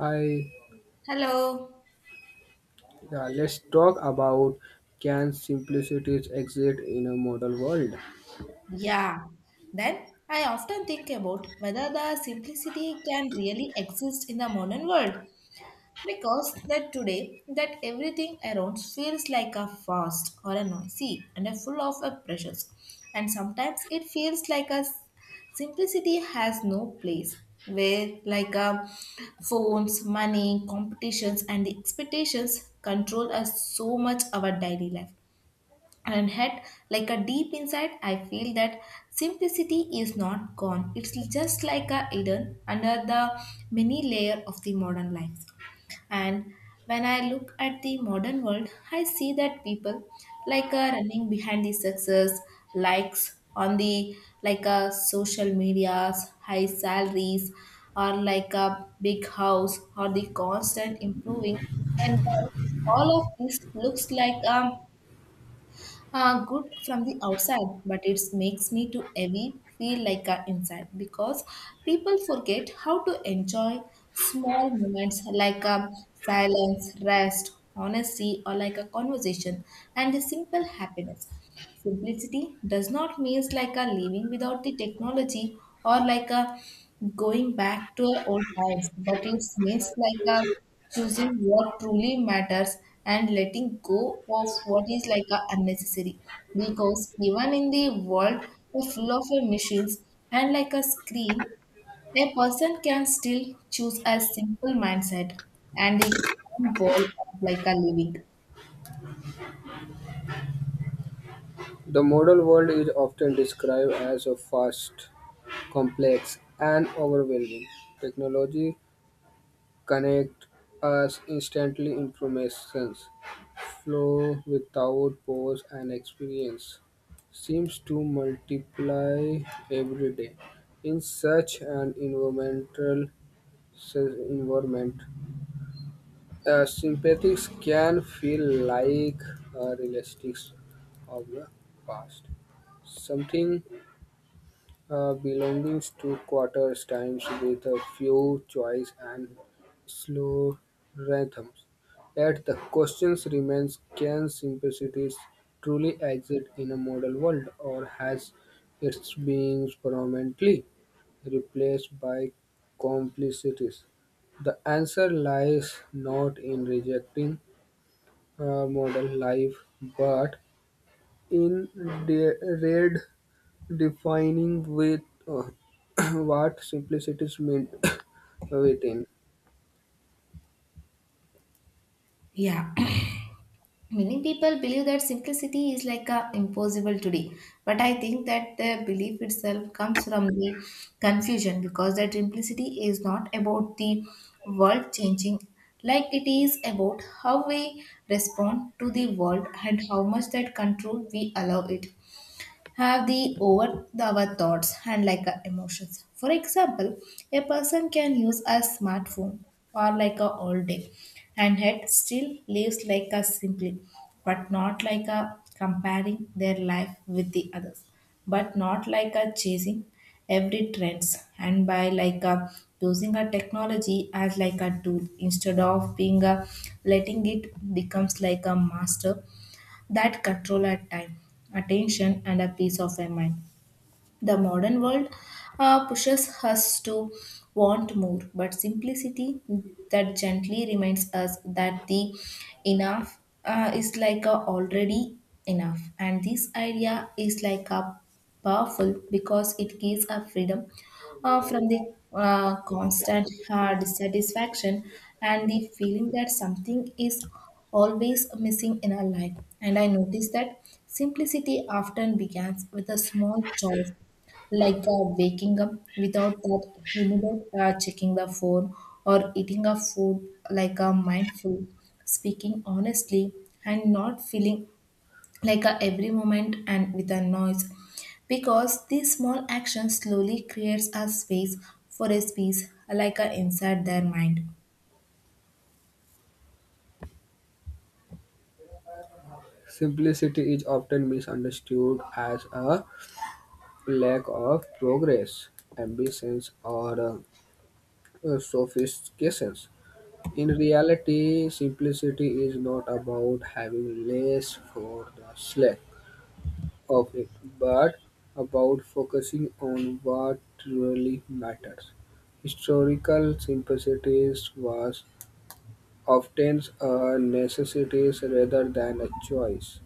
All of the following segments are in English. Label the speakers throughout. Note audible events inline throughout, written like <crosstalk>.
Speaker 1: I
Speaker 2: Hello.
Speaker 1: yeah, let's talk about can simplicities exist in a model world?
Speaker 2: Yeah. Then I often think about whether the simplicity can really exist in the modern world because that today that everything around feels like a fast or a noisy and a full of a pressures, and sometimes it feels like simplicity has no place where like a phones money competitions and the expectations control us so much our daily life. And had like a deep inside I feel that simplicity is not gone, it's just like a hidden under the many layer of the modern life. And when I look at the modern world I see that people like are running behind the success likes on the like a social medias high salaries or like a big house or the constant improving. And all of this looks like a good from the outside, but it makes me too heavy feel like a inside because people forget how to enjoy small moments like silence, rest, honesty, or like a conversation and a simple happiness. Simplicity does not mean like a living without the technology or like a going back to our old times, but it means like a choosing what truly matters and letting go of what is like a unnecessary. Because even in the world full of machines and like a screen, a person can still choose a simple mindset and the calm goal of like a living.
Speaker 1: The model world is often described as a fast, complex, and overwhelming. Technology connect us instantly information flow without pause and experience seems to multiply every day. In such an environment, sympathies can feel like realistics of the past. Something belonging to quarter times with a few choice and slow rhythms. Yet the questions remains can simplicities truly exist in a model world or has its being permanently replaced by complicities? The answer lies not in rejecting modern life, but in de- red defining with uh, <coughs> <clears throat> what simplicity is meant <coughs> within.
Speaker 2: Yeah. Many people believe that simplicity is like a impossible today, but I think that the belief itself comes from the confusion because that simplicity is not about the world changing, like it is about how we respond to the world and how much that control we allow it have the over the, our thoughts and like our emotions. For example, a person can use a smartphone or like a all day and yet still lives like a simply, but not like a comparing their life with the others, but not like a chasing every trends and by like a using a technology as like a tool instead of being a letting it becomes like a master that control at time, attention, and a peace of our mind. The modern world pushes us to want more, but simplicity that gently reminds us that the enough is like a already enough. And this idea is like a powerful because it gives a freedom from the constant dissatisfaction and the feeling that something is always missing in our life. And I noticed that simplicity often begins with a small choice like waking up without that immediate checking the phone or eating a food like a mindful speaking honestly and not feeling like a every moment and with a noise because these small actions slowly creates a space for a space like a inside their mind.
Speaker 1: Simplicity is often misunderstood as a lack of progress, ambitions, or sophistications. In reality, simplicity is not about having less for the slack of it, but about focusing on what really matters. Historical simplicity was often a necessity rather than a choice.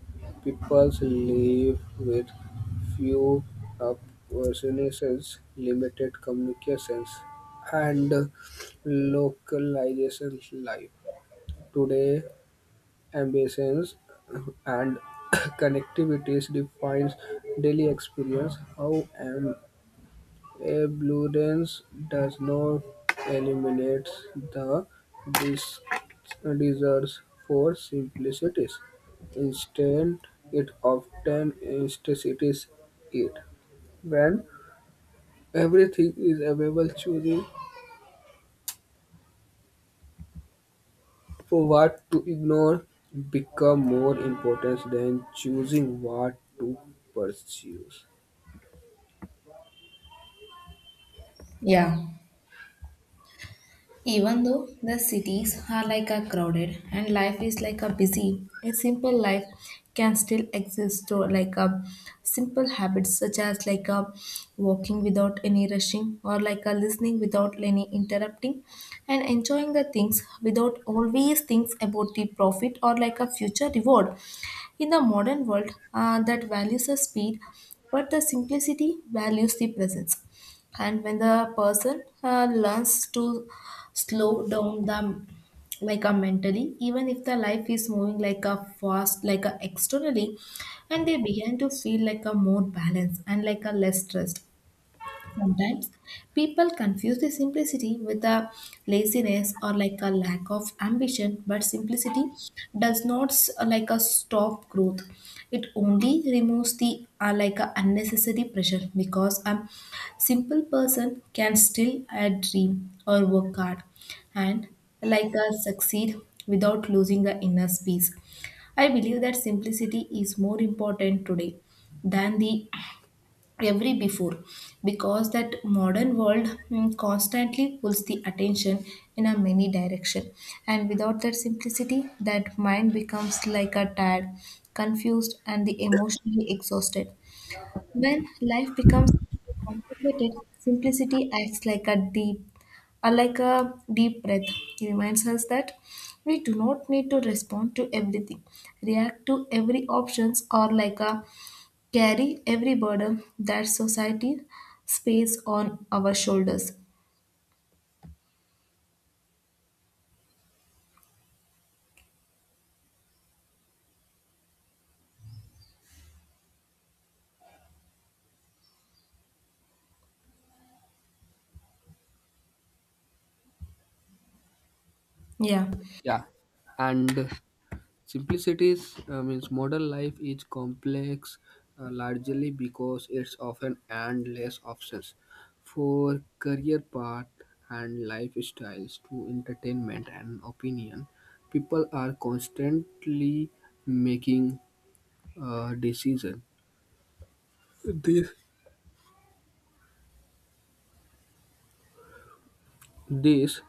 Speaker 1: People live with few opportunities, limited communications, and localization life. Today, ambitions and <coughs> connectivities defines daily experience. How abundance does not eliminate the desires for simplicities. Instead, it often instances it. When everything is available, choosing for what to ignore become more important than choosing what to pursue.
Speaker 2: Yeah. Even though the cities are like a crowded and life is like a busy, a simple life can still exist or like a simple habits such as like a walking without any rushing or like a listening without any interrupting and enjoying the things without always things about the profit or like a future reward in the modern world that values the speed, but the simplicity values the presence. And when the person learns to slow down the like a mentally, even if the life is moving like a fast, like a externally, and they begin to feel like a more balance and like a less stressed. Sometimes people confuse the simplicity with a laziness or like a lack of ambition, but simplicity does not s- like a stop growth. It only removes the like a unnecessary pressure because a simple person can still dream or work hard and like a succeed without losing the inner peace. I believe that simplicity is more important today than the every before because that modern world constantly pulls the attention in a many direction, and without that simplicity that mind becomes like a tired, confused and the emotionally exhausted. When life becomes complicated simplicity acts like a deep breath. It reminds us that we do not need to respond to everything, react to every options or like a carry every burden that society spaces on our shoulders. Yeah,
Speaker 1: Yeah, and simplicity means modern life is complex largely because it's often endless options for career path and lifestyles to entertainment and opinion. People are constantly making decisions. This This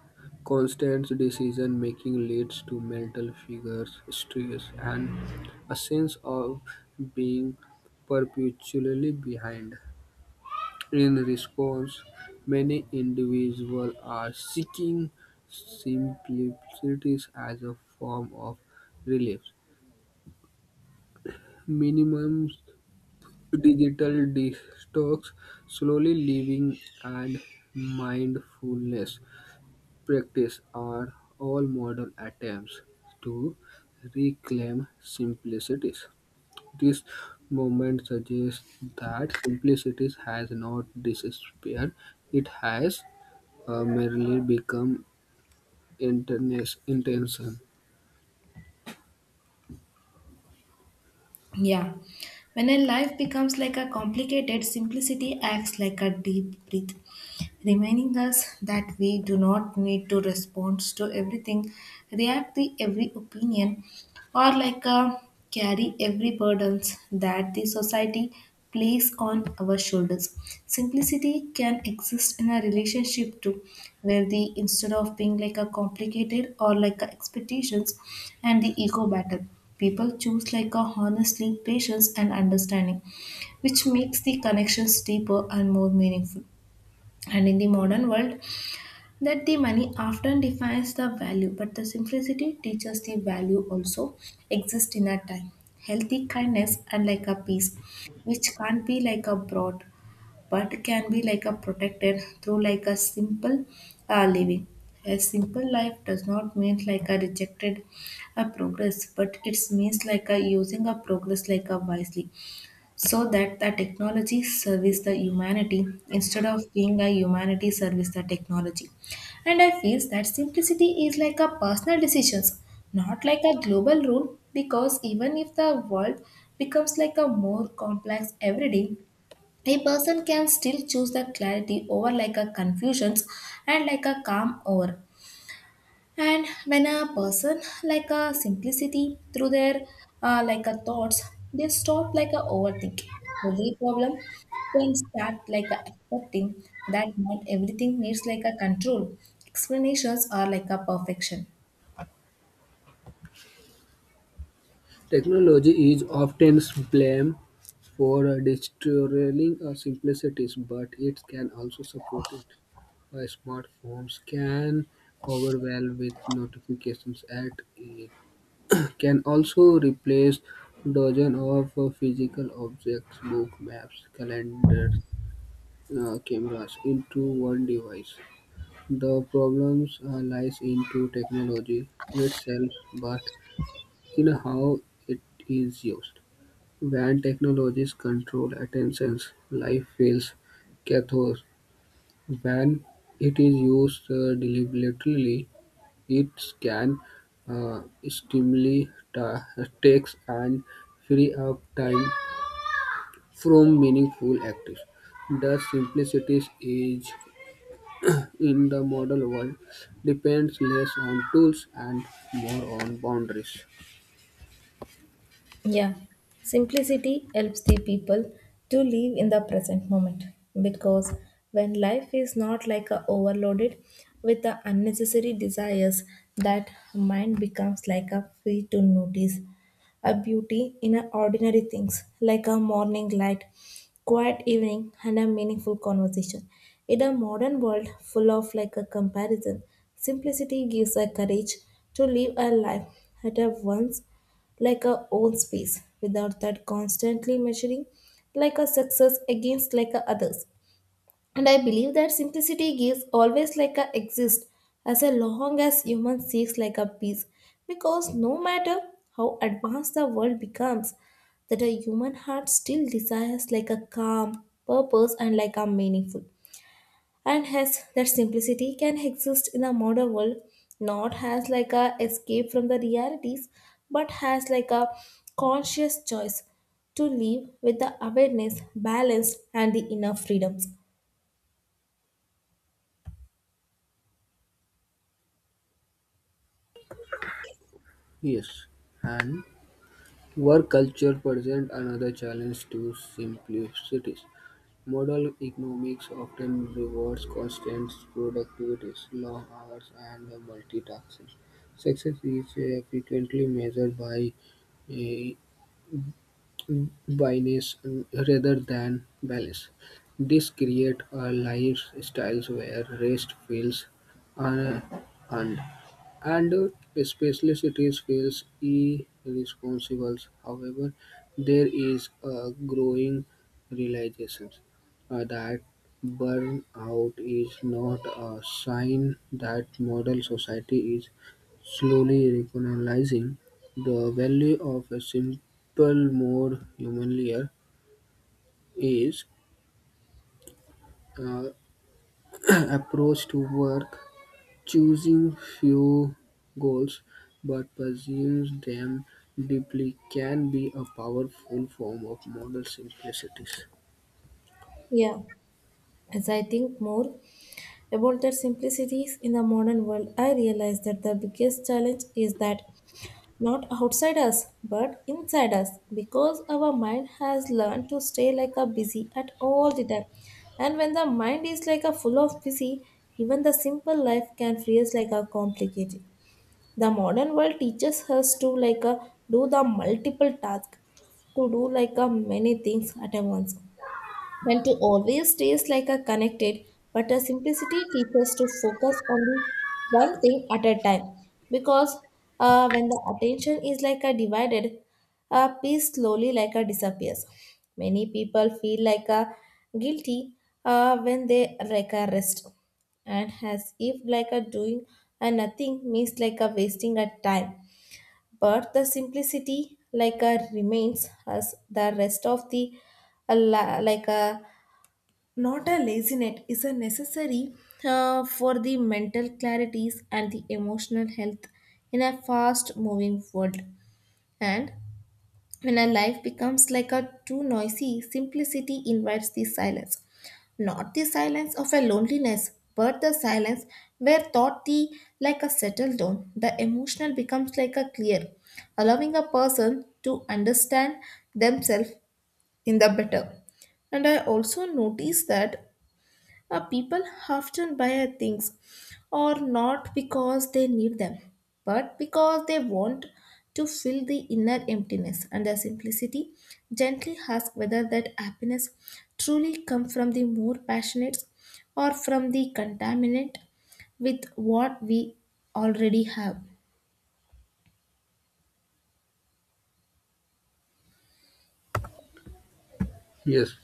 Speaker 1: constant decision making leads to mental figures, stress, and a sense of being perpetually behind. In response, many individuals are seeking simplicities as a form of relief. Minimum digital detox, slowly living, and mindfulness practice are all modern attempts to reclaim simplicities. This movement suggests that simplicity has not disappeared, it has merely become intention.
Speaker 2: yeah. When a life becomes like a complicated, simplicity acts like a deep breath, reminding us that we do not need to respond to everything, react to every opinion, or like a carry every burdens that the society place on our shoulders. Simplicity can exist in a relationship too, where the instead of being like a complicated or like a expectations and the ego battle, people choose like a honestly patience and understanding, which makes the connections deeper and more meaningful. And in the modern world that the money often defines the value but the simplicity teaches the value also exists in a time healthy kindness and like a peace which can't be like a broad, but can be like a protected through like a simple living. A simple life does not mean like a rejected a progress but it means like a using a progress like a wisely so that the technology service the humanity instead of being a humanity service the technology. And I feel that simplicity is like a personal decisions, not like a global rule, because even if the world becomes like a more complex every day a person can still choose the clarity over like a confusions and like a calm over. And when a person like a simplicity through their like a thoughts they stop like a overthinking every problem then start like a accepting that not everything needs like a control explanations are like a perfection.
Speaker 1: Technology is often blamed for destroying simplicities, but it can also support it. Smartphones can overwhelm with notifications at it can also replace dozens of physical objects, books, maps, calendars, cameras, into one device. The problems lies into technology itself, but in how it is used. When technologies control attentions, life feels chaotic. When it is used deliberately, it can uh, stimulate takes and free up time from meaningful activities. The simplicity is in the model world depends less on tools and more on boundaries.
Speaker 2: Yeah, simplicity helps the people to live in the present moment because when life is not like a overloaded with the unnecessary desires, that mind becomes like a free to notice a beauty in a ordinary things like a morning light, quiet evening, and a meaningful conversation. In a modern world full of like a comparison, simplicity gives a courage to live a life at a once like a own space without that constantly measuring like a success against like a others. And I believe that simplicity gives always like a exist as a long as human seeks like a peace because no matter how advanced the world becomes that a human heart still desires like a calm purpose and like a meaningful. And hence that simplicity can exist in a modern world not as like a escape from the realities but as like a conscious choice to live with the awareness balance and the inner freedoms.
Speaker 1: Yes, and work culture presents another challenge to simplicity. Modal economics often rewards constant productivity, long hours, and multitasking. Success is frequently measured by uh, biness rather than balance. This creates a lifestyle where rest feels unearned and especially cities feels irresponsible. However, there is a growing realization that burnout is not a sign that modern society is slowly recognizing the value of a simple, more human layer is uh, <clears throat> approach to work choosing few goals but pursuing them deeply can be a powerful form of model simplicity.
Speaker 2: Yeah, as I think more about the simplicities in the modern world I realize that the biggest challenge is that not outside us but inside us because our mind has learned to stay like a busy at all the time. And when the mind is like a full of busy even the simple life can feel like a complicated. The modern world teaches us to like a do the multiple task, to do like a many things at a once, than to always taste like a connected, but a simplicity teaches to focus on the one thing at a time. Because when the attention is like a divided, a piece slowly like a disappears. Many people feel like a guilty when they like a rest, and as if like a doing a nothing means like a wasting a time. But the simplicity like a remains as the rest of the like a not a lazinet is a necessary for the mental clarities and the emotional health in a fast moving world. And when a life becomes like a too noisy simplicity invites the silence, not the silence of a loneliness but the silence where thought the like a settled down the emotional becomes like a clear, allowing a person to understand themselves in the better. And I also notice that people often buy things or not because they need them, but because they want to fill the inner emptiness and the simplicity. Gently ask whether that happiness truly comes from the more passionate or from the contaminant with what we already have.
Speaker 1: Yes.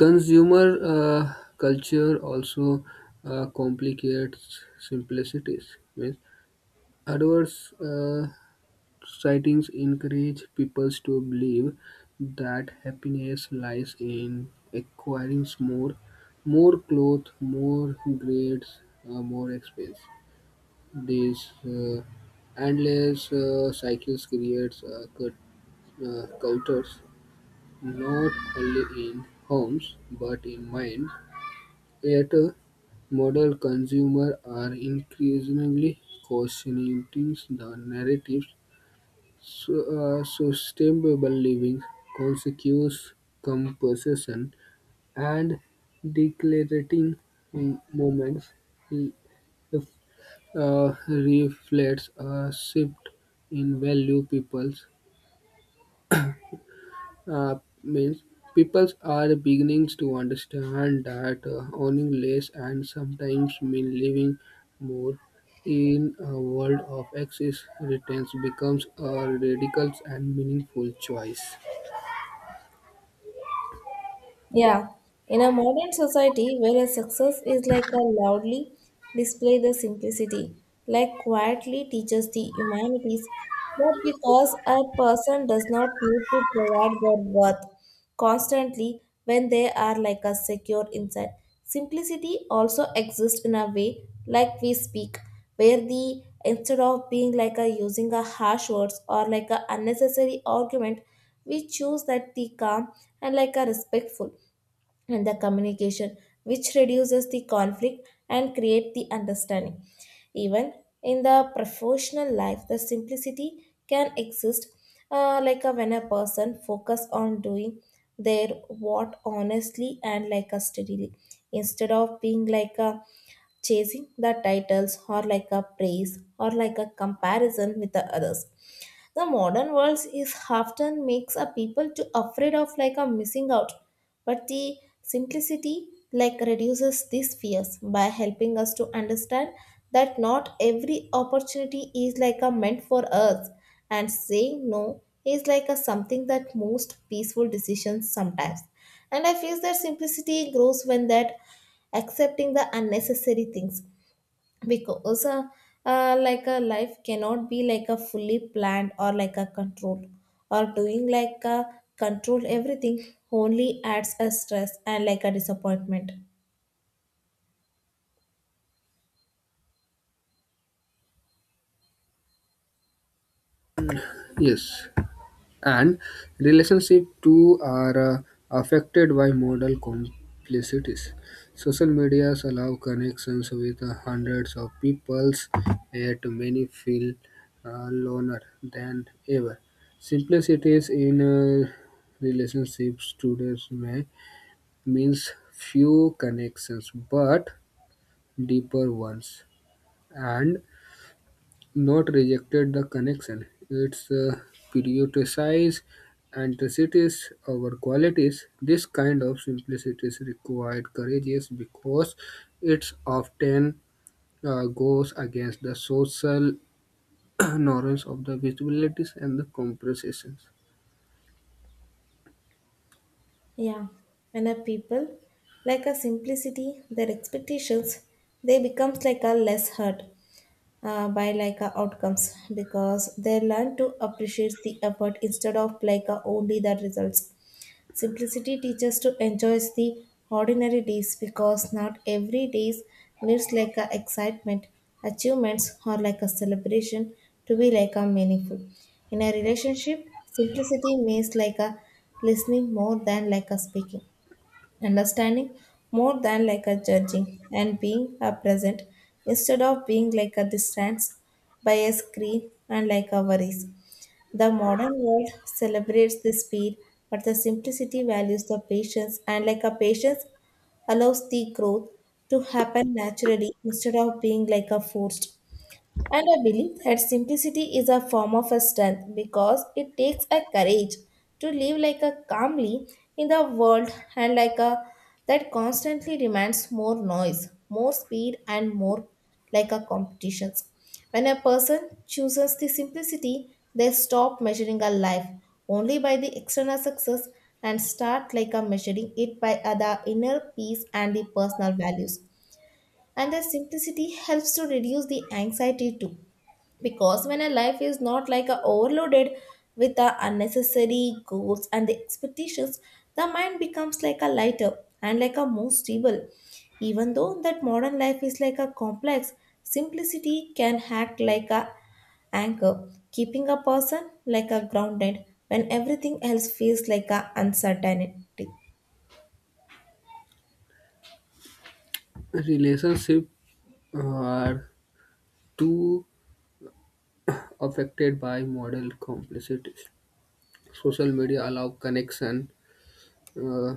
Speaker 1: Consumer culture also complicates simplicities. Means adverse sightings encourage people to believe that happiness lies in acquiring more, more clothes, more grades, more expense. These endless cycles creates cultures not only in homes but in mind. Yet, modern consumers are increasingly questioning the narratives. Sustainable living, conscious composition, and declarating moments reflects a shift in value people's uh, means people are beginning to understand that owning less and sometimes mean living more in a world of excess returns becomes a radical and meaningful choice.
Speaker 2: Yeah, in a modern society where a success is like a loudly display the simplicity, like quietly teaches the humanities that because a person does not need to provide their worth constantly when they are like a secure inside. Simplicity also exists in a way like we speak, where the instead of being like a using a harsh words or like a unnecessary argument, we choose that the calm and like a respectful and the communication which reduces the conflict and create the understanding. Even in the professional life the simplicity can exist like a, when a person focus on doing their what honestly and like a steadily instead of being like a chasing the titles or like a praise or like a comparison with the others. The modern world is often makes a people to afraid of like a missing out, but the simplicity like reduces these fears by helping us to understand that not every opportunity is like a meant for us, and saying no is like a something that most peaceful decisions sometimes. And I feel that simplicity grows when that accepting the unnecessary things, because like a life cannot be like a fully planned or like a control, or doing like a control everything only adds a stress and like a disappointment.
Speaker 1: Yes, and relationship too are affected by modal complexities. Social medias allow connections with hundreds of peoples, yet many feel loner than ever. Simplicities in relationships today may means few connections but deeper ones, and not rejected the connection. It's prioritized antithesis over qualities. This kind of simplicity is required courageous because it's often goes against the social <clears throat> norms of the visibilities and the compensations.
Speaker 2: Yeah, when a people like a simplicity their expectations they becomes like a less hurt by like a outcomes, because they learn to appreciate the effort instead of like a only the results. Simplicity teaches to enjoy the ordinary days because not every day needs like a excitement, achievements, or like a celebration to be like a meaningful. In a relationship, simplicity means like a listening more than like a speaking, understanding more than like a judging, and being a present instead of being like a distance by a screen and like a worries. The modern world celebrates the speed, but the simplicity values the patience, and like a patience allows the growth to happen naturally instead of being like a forced. And I believe that simplicity is a form of a strength because it takes a courage to live like a calmly in the world and like a that constantly demands more noise, more speed and more like a competitions. When a person chooses the simplicity, they stop measuring a life only by the external success and start like a measuring it by other inner peace and the personal values. And the simplicity helps to reduce the anxiety too, because when a life is not like a overloaded with the unnecessary goals and the expectations, the mind becomes like a lighter and like a more stable. Even though that modern life is like a complex, simplicity can act like a anchor, keeping a person like a grounded when everything else feels like a uncertainty.
Speaker 1: Relationships are too affected by model complexities. Social media allow connection uh,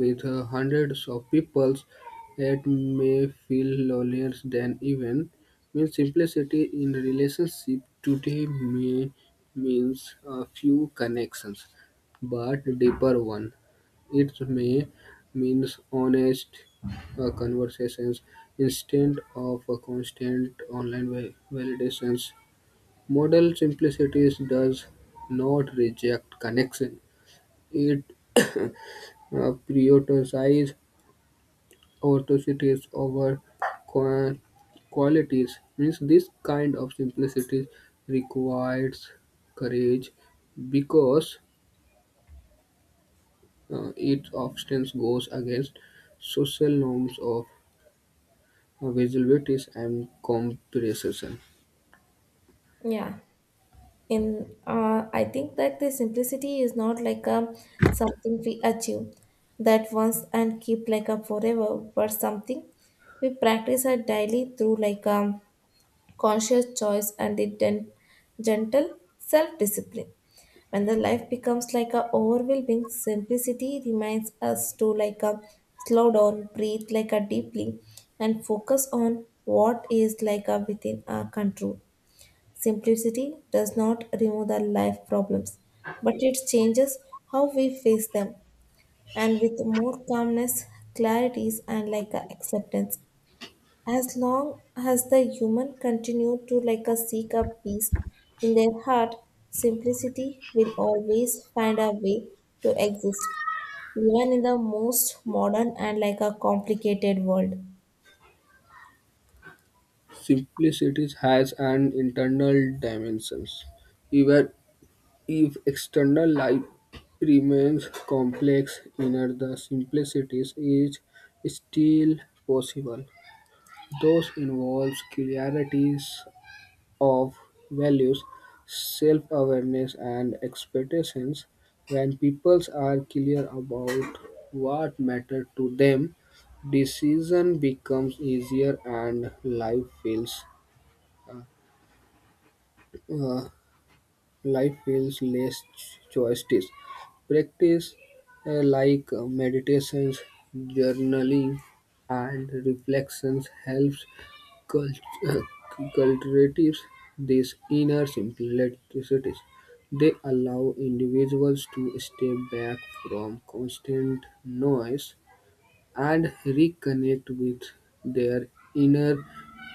Speaker 1: with hundreds of people, it may feel lonelier than even means simplicity in relationship today may means a few connections, but deeper one. It may means honest conversations instead of a constant online validations. Model simplicity does not reject connection. It prioritizes authority over qua- qualities means this kind of simplicity requires courage because it often goes against social norms of visibility and comparison.
Speaker 2: Yeah. in I think that the simplicity is not like a something we achieve that once and keep like a forever, but something we practice our daily through like a conscious choice and a gentle self-discipline. When the life becomes like a overwhelming, simplicity reminds us to like a slow down, breathe like a deeply, and focus on what is like a within our control. Simplicity does not remove the life problems, but it changes how we face them. And with more calmness, clarities, and like a acceptance, as long as the human continue to like a seek a peace in their heart, simplicity will always find a way to exist, even in the most modern and like a complicated world.
Speaker 1: Simplicity has an internal dimensions, even if external life remains complex. Inner the simplicity is still possible. Those involves clarities of values, self-awareness and expectations. When peoples are clear about what matters to them, decision becomes easier and uh, uh, life feels less choices. Practice like meditations, journaling, and reflections helps Cult- <clears throat> cultivates these inner simplicities. They allow individuals to step back from constant noise and reconnect with their inner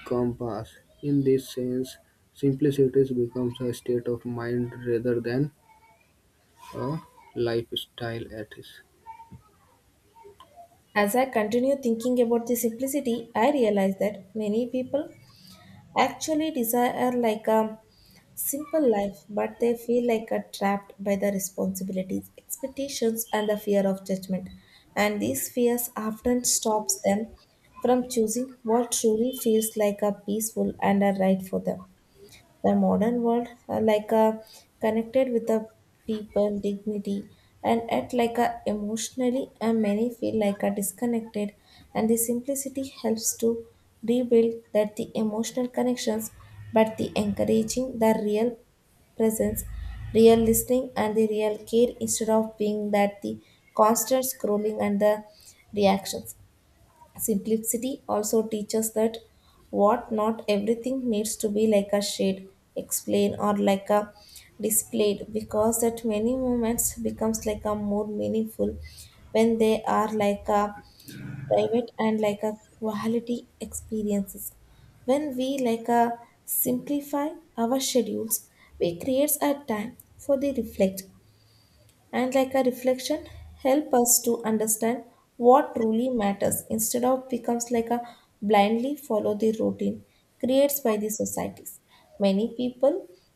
Speaker 1: compass. In this sense, simplicity becomes a state of mind rather than a lifestyle ethics.
Speaker 2: As I continue thinking about the simplicity, I realize that many people actually desire like a simple life, but they feel like are trapped by the responsibilities, expectations, and the fear of judgment. And these fears often stops them from choosing what truly feels like a peaceful and a right for them. The modern world, like a connected with the people, dignity, and at like a emotionally, and many feel like a disconnected. And the simplicity helps to rebuild that the emotional connections, but the encouraging the real presence, real listening, and the real care instead of being that the constant scrolling and the reactions. Simplicity also teaches that what not everything needs to be like a shade, explain or like a displayed, because that many moments becomes like a more meaningful when they are like a private and like a quality experiences. When we like a simplify our schedules, we creates a time for the reflect, and like a reflection help us to understand what truly matters instead of becomes like a blindly follow the routine creates by the societies. Many people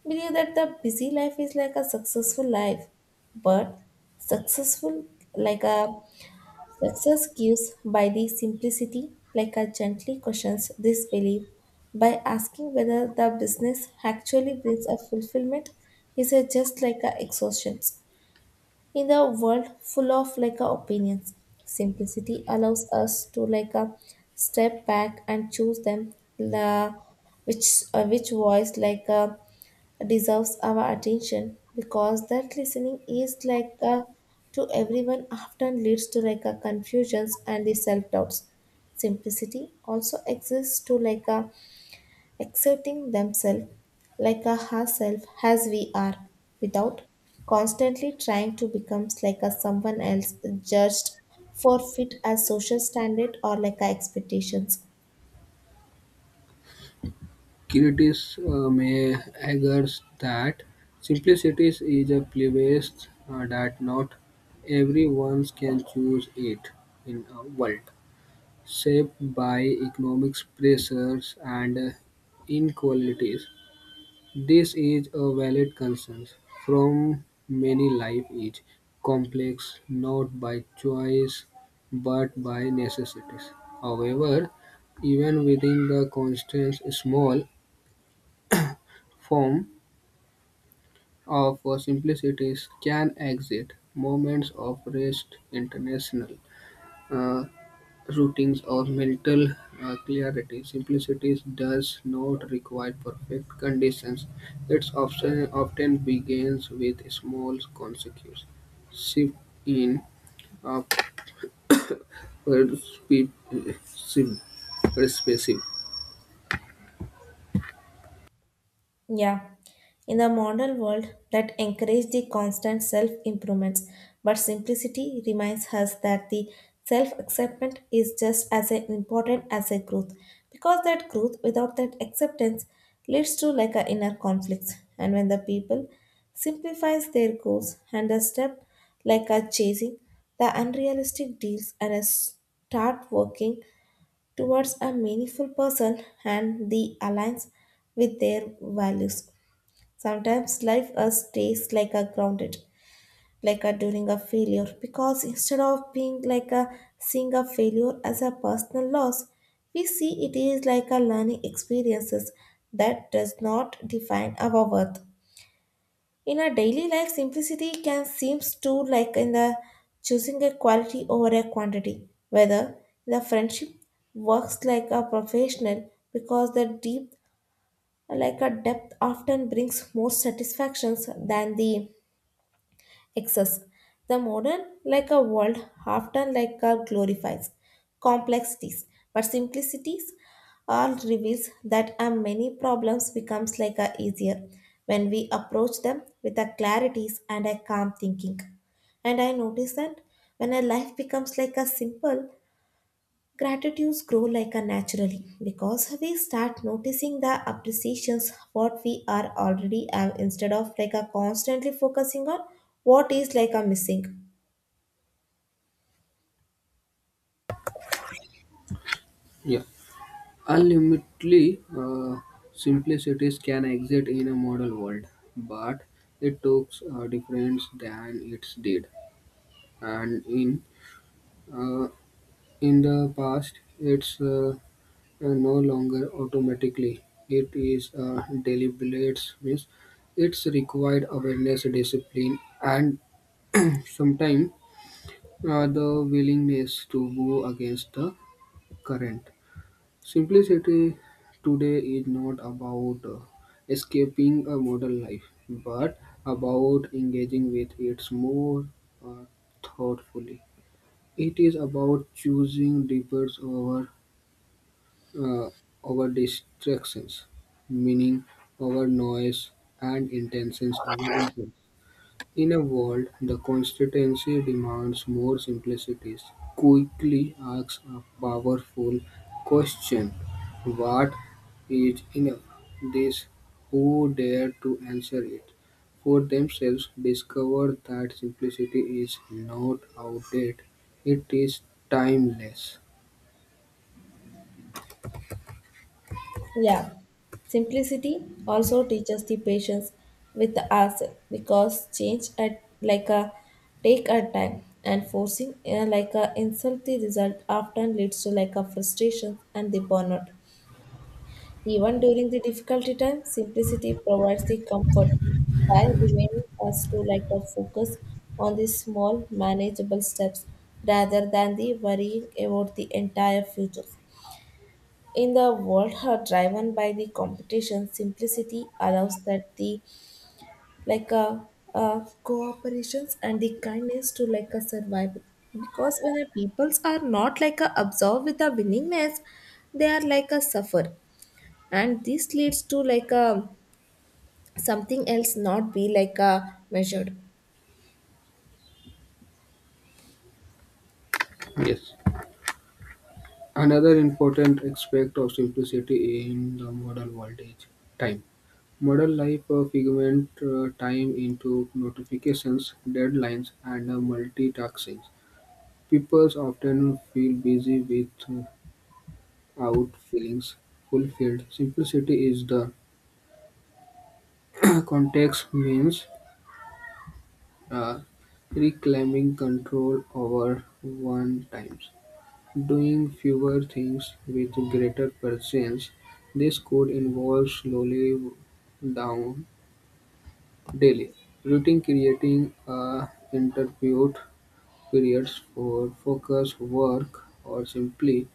Speaker 2: believe that the busy life is like a successful life, but successful like a success gives by the simplicity like a gently questions this belief by asking whether the business actually brings a fulfillment is a just like a exhaustion. In the world full of like opinions, simplicity allows us to like step back and choose them la which which voice like deserves our attention, because that listening is like to everyone often leads to like confusions and the self doubts. Simplicity also exists to like accepting themselves like a herself as we are, without constantly trying to become like a someone else, judged for fit as social standard or like a expectations.
Speaker 1: Critics May argue that simplicity is a privilege, that not everyone can choose it in a world shaped by economic pressures and inequalities. This is a valid concern from many life is complex not by choice but by necessities. However, even within the constraints small form of simplicities can exist, moments of rest, international uh, routines, or mental clarity. Simplicity does not require perfect conditions. It often begins with small consequences. Shift in uh, perspe- uh, sim- perspective.
Speaker 2: Yeah, in the modern world that encourage the constant self-improvements, but simplicity reminds us that the self-acceptance is just as important as a growth, because that growth without that acceptance leads to like a inner conflicts, and when the people simplifies their goals and the step like a chasing the unrealistic deals and a start working towards a meaningful person and the aligns with their values. Sometimes life us tastes like a grounded, like a during a failure, because instead of being like a seeing a failure as a personal loss, we see it is like a learning experiences that does not define our worth. In our daily life, simplicity can seem to like in the choosing a quality over a quantity, whether the friendship works like a professional, because the deep like a depth often brings more satisfactions than the excess. The modern, like a world, often like a glorifies complexities, but simplicities all reveals that a many problems becomes like a easier when we approach them with a clarities and a calm thinking. And I notice that when a life becomes like a simple, gratitudes grow like a naturally because we start noticing the appreciations what we are already have, instead of like a constantly focusing on what is like a missing.
Speaker 1: Yeah. Ultimately, simplicities can exist in a modern world, but it took a difference than it did. And uh, in the past, it's no longer automatically. It is deliberate, means it's required awareness, discipline, and sometimes the willingness to go against the current. Simplicity today is not about escaping a modern life, but about engaging with it more uh, thoughtfully. It is about choosing deepers uh, over distractions, meaning over noise, and intentions over impact. In a world the constituency demands more simplicity, Quickly asks a powerful question: What is enough? This? Who dare to answer it for themselves discover that simplicity is not outdated, it is timeless.
Speaker 2: Yeah. Simplicity also teaches the patience with ourselves, because change at like a take a time, and forcing like a insult the result often leads to like a frustration and the burnout. Even during the difficulty time, simplicity provides the comfort by remaining us to like a focus on the small manageable steps rather than the worrying about the entire future. In the world are driven by the competition, simplicity allows that the like a cooperations and the kindness to like a survive. Because when the peoples are not like a absorbed with the willingness, they are like a suffer, and this leads to like a something else not be like a measured.
Speaker 1: Yes. Another important aspect of simplicity in the modern world is time. Modern life fragments time into notifications, deadlines, and multitasking. People often feel busy without feeling fulfilled. Simplicity is the <clears throat> context means uh, reclaiming control over one times, doing fewer things with greater presence. This could involve slowly down daily routine creating a interpute periods for focused work or simply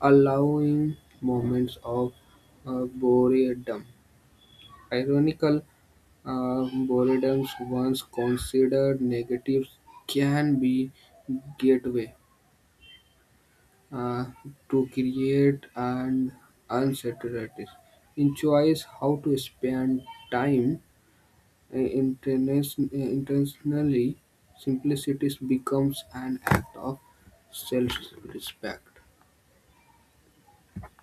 Speaker 1: allowing moments of boredom. Ironical boredoms, once considered negative, can be gateway uh, to create and uncertainties. In choice how to spend time intentionally, simplicity becomes an act of self-respect.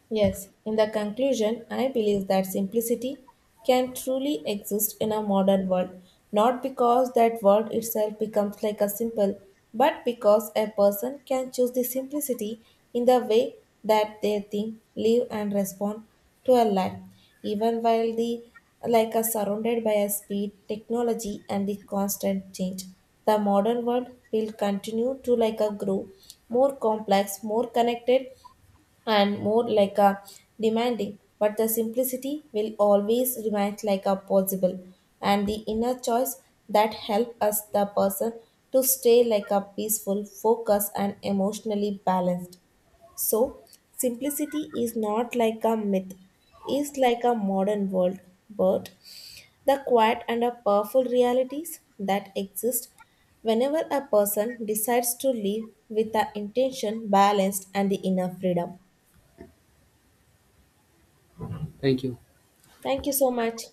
Speaker 2: Yes, in the conclusion, I believe that simplicity can truly exist in a modern world, not because that world itself becomes like a simple, but because a person can choose the simplicity in the way that they think, live, and respond to a life, even while the like are surrounded by a speed, technology, and the constant change. The modern world will continue to like a grow more complex, more connected, and more like a demanding, but the simplicity will always remain like a possible and the inner choice that help us the person to stay like a peaceful, focused and emotionally balanced. So simplicity is not like a myth, is like a modern world, but the quiet and a powerful realities that exist whenever a person decides to live with the intention balanced and the inner freedom.
Speaker 1: Thank you.
Speaker 2: Thank you so much.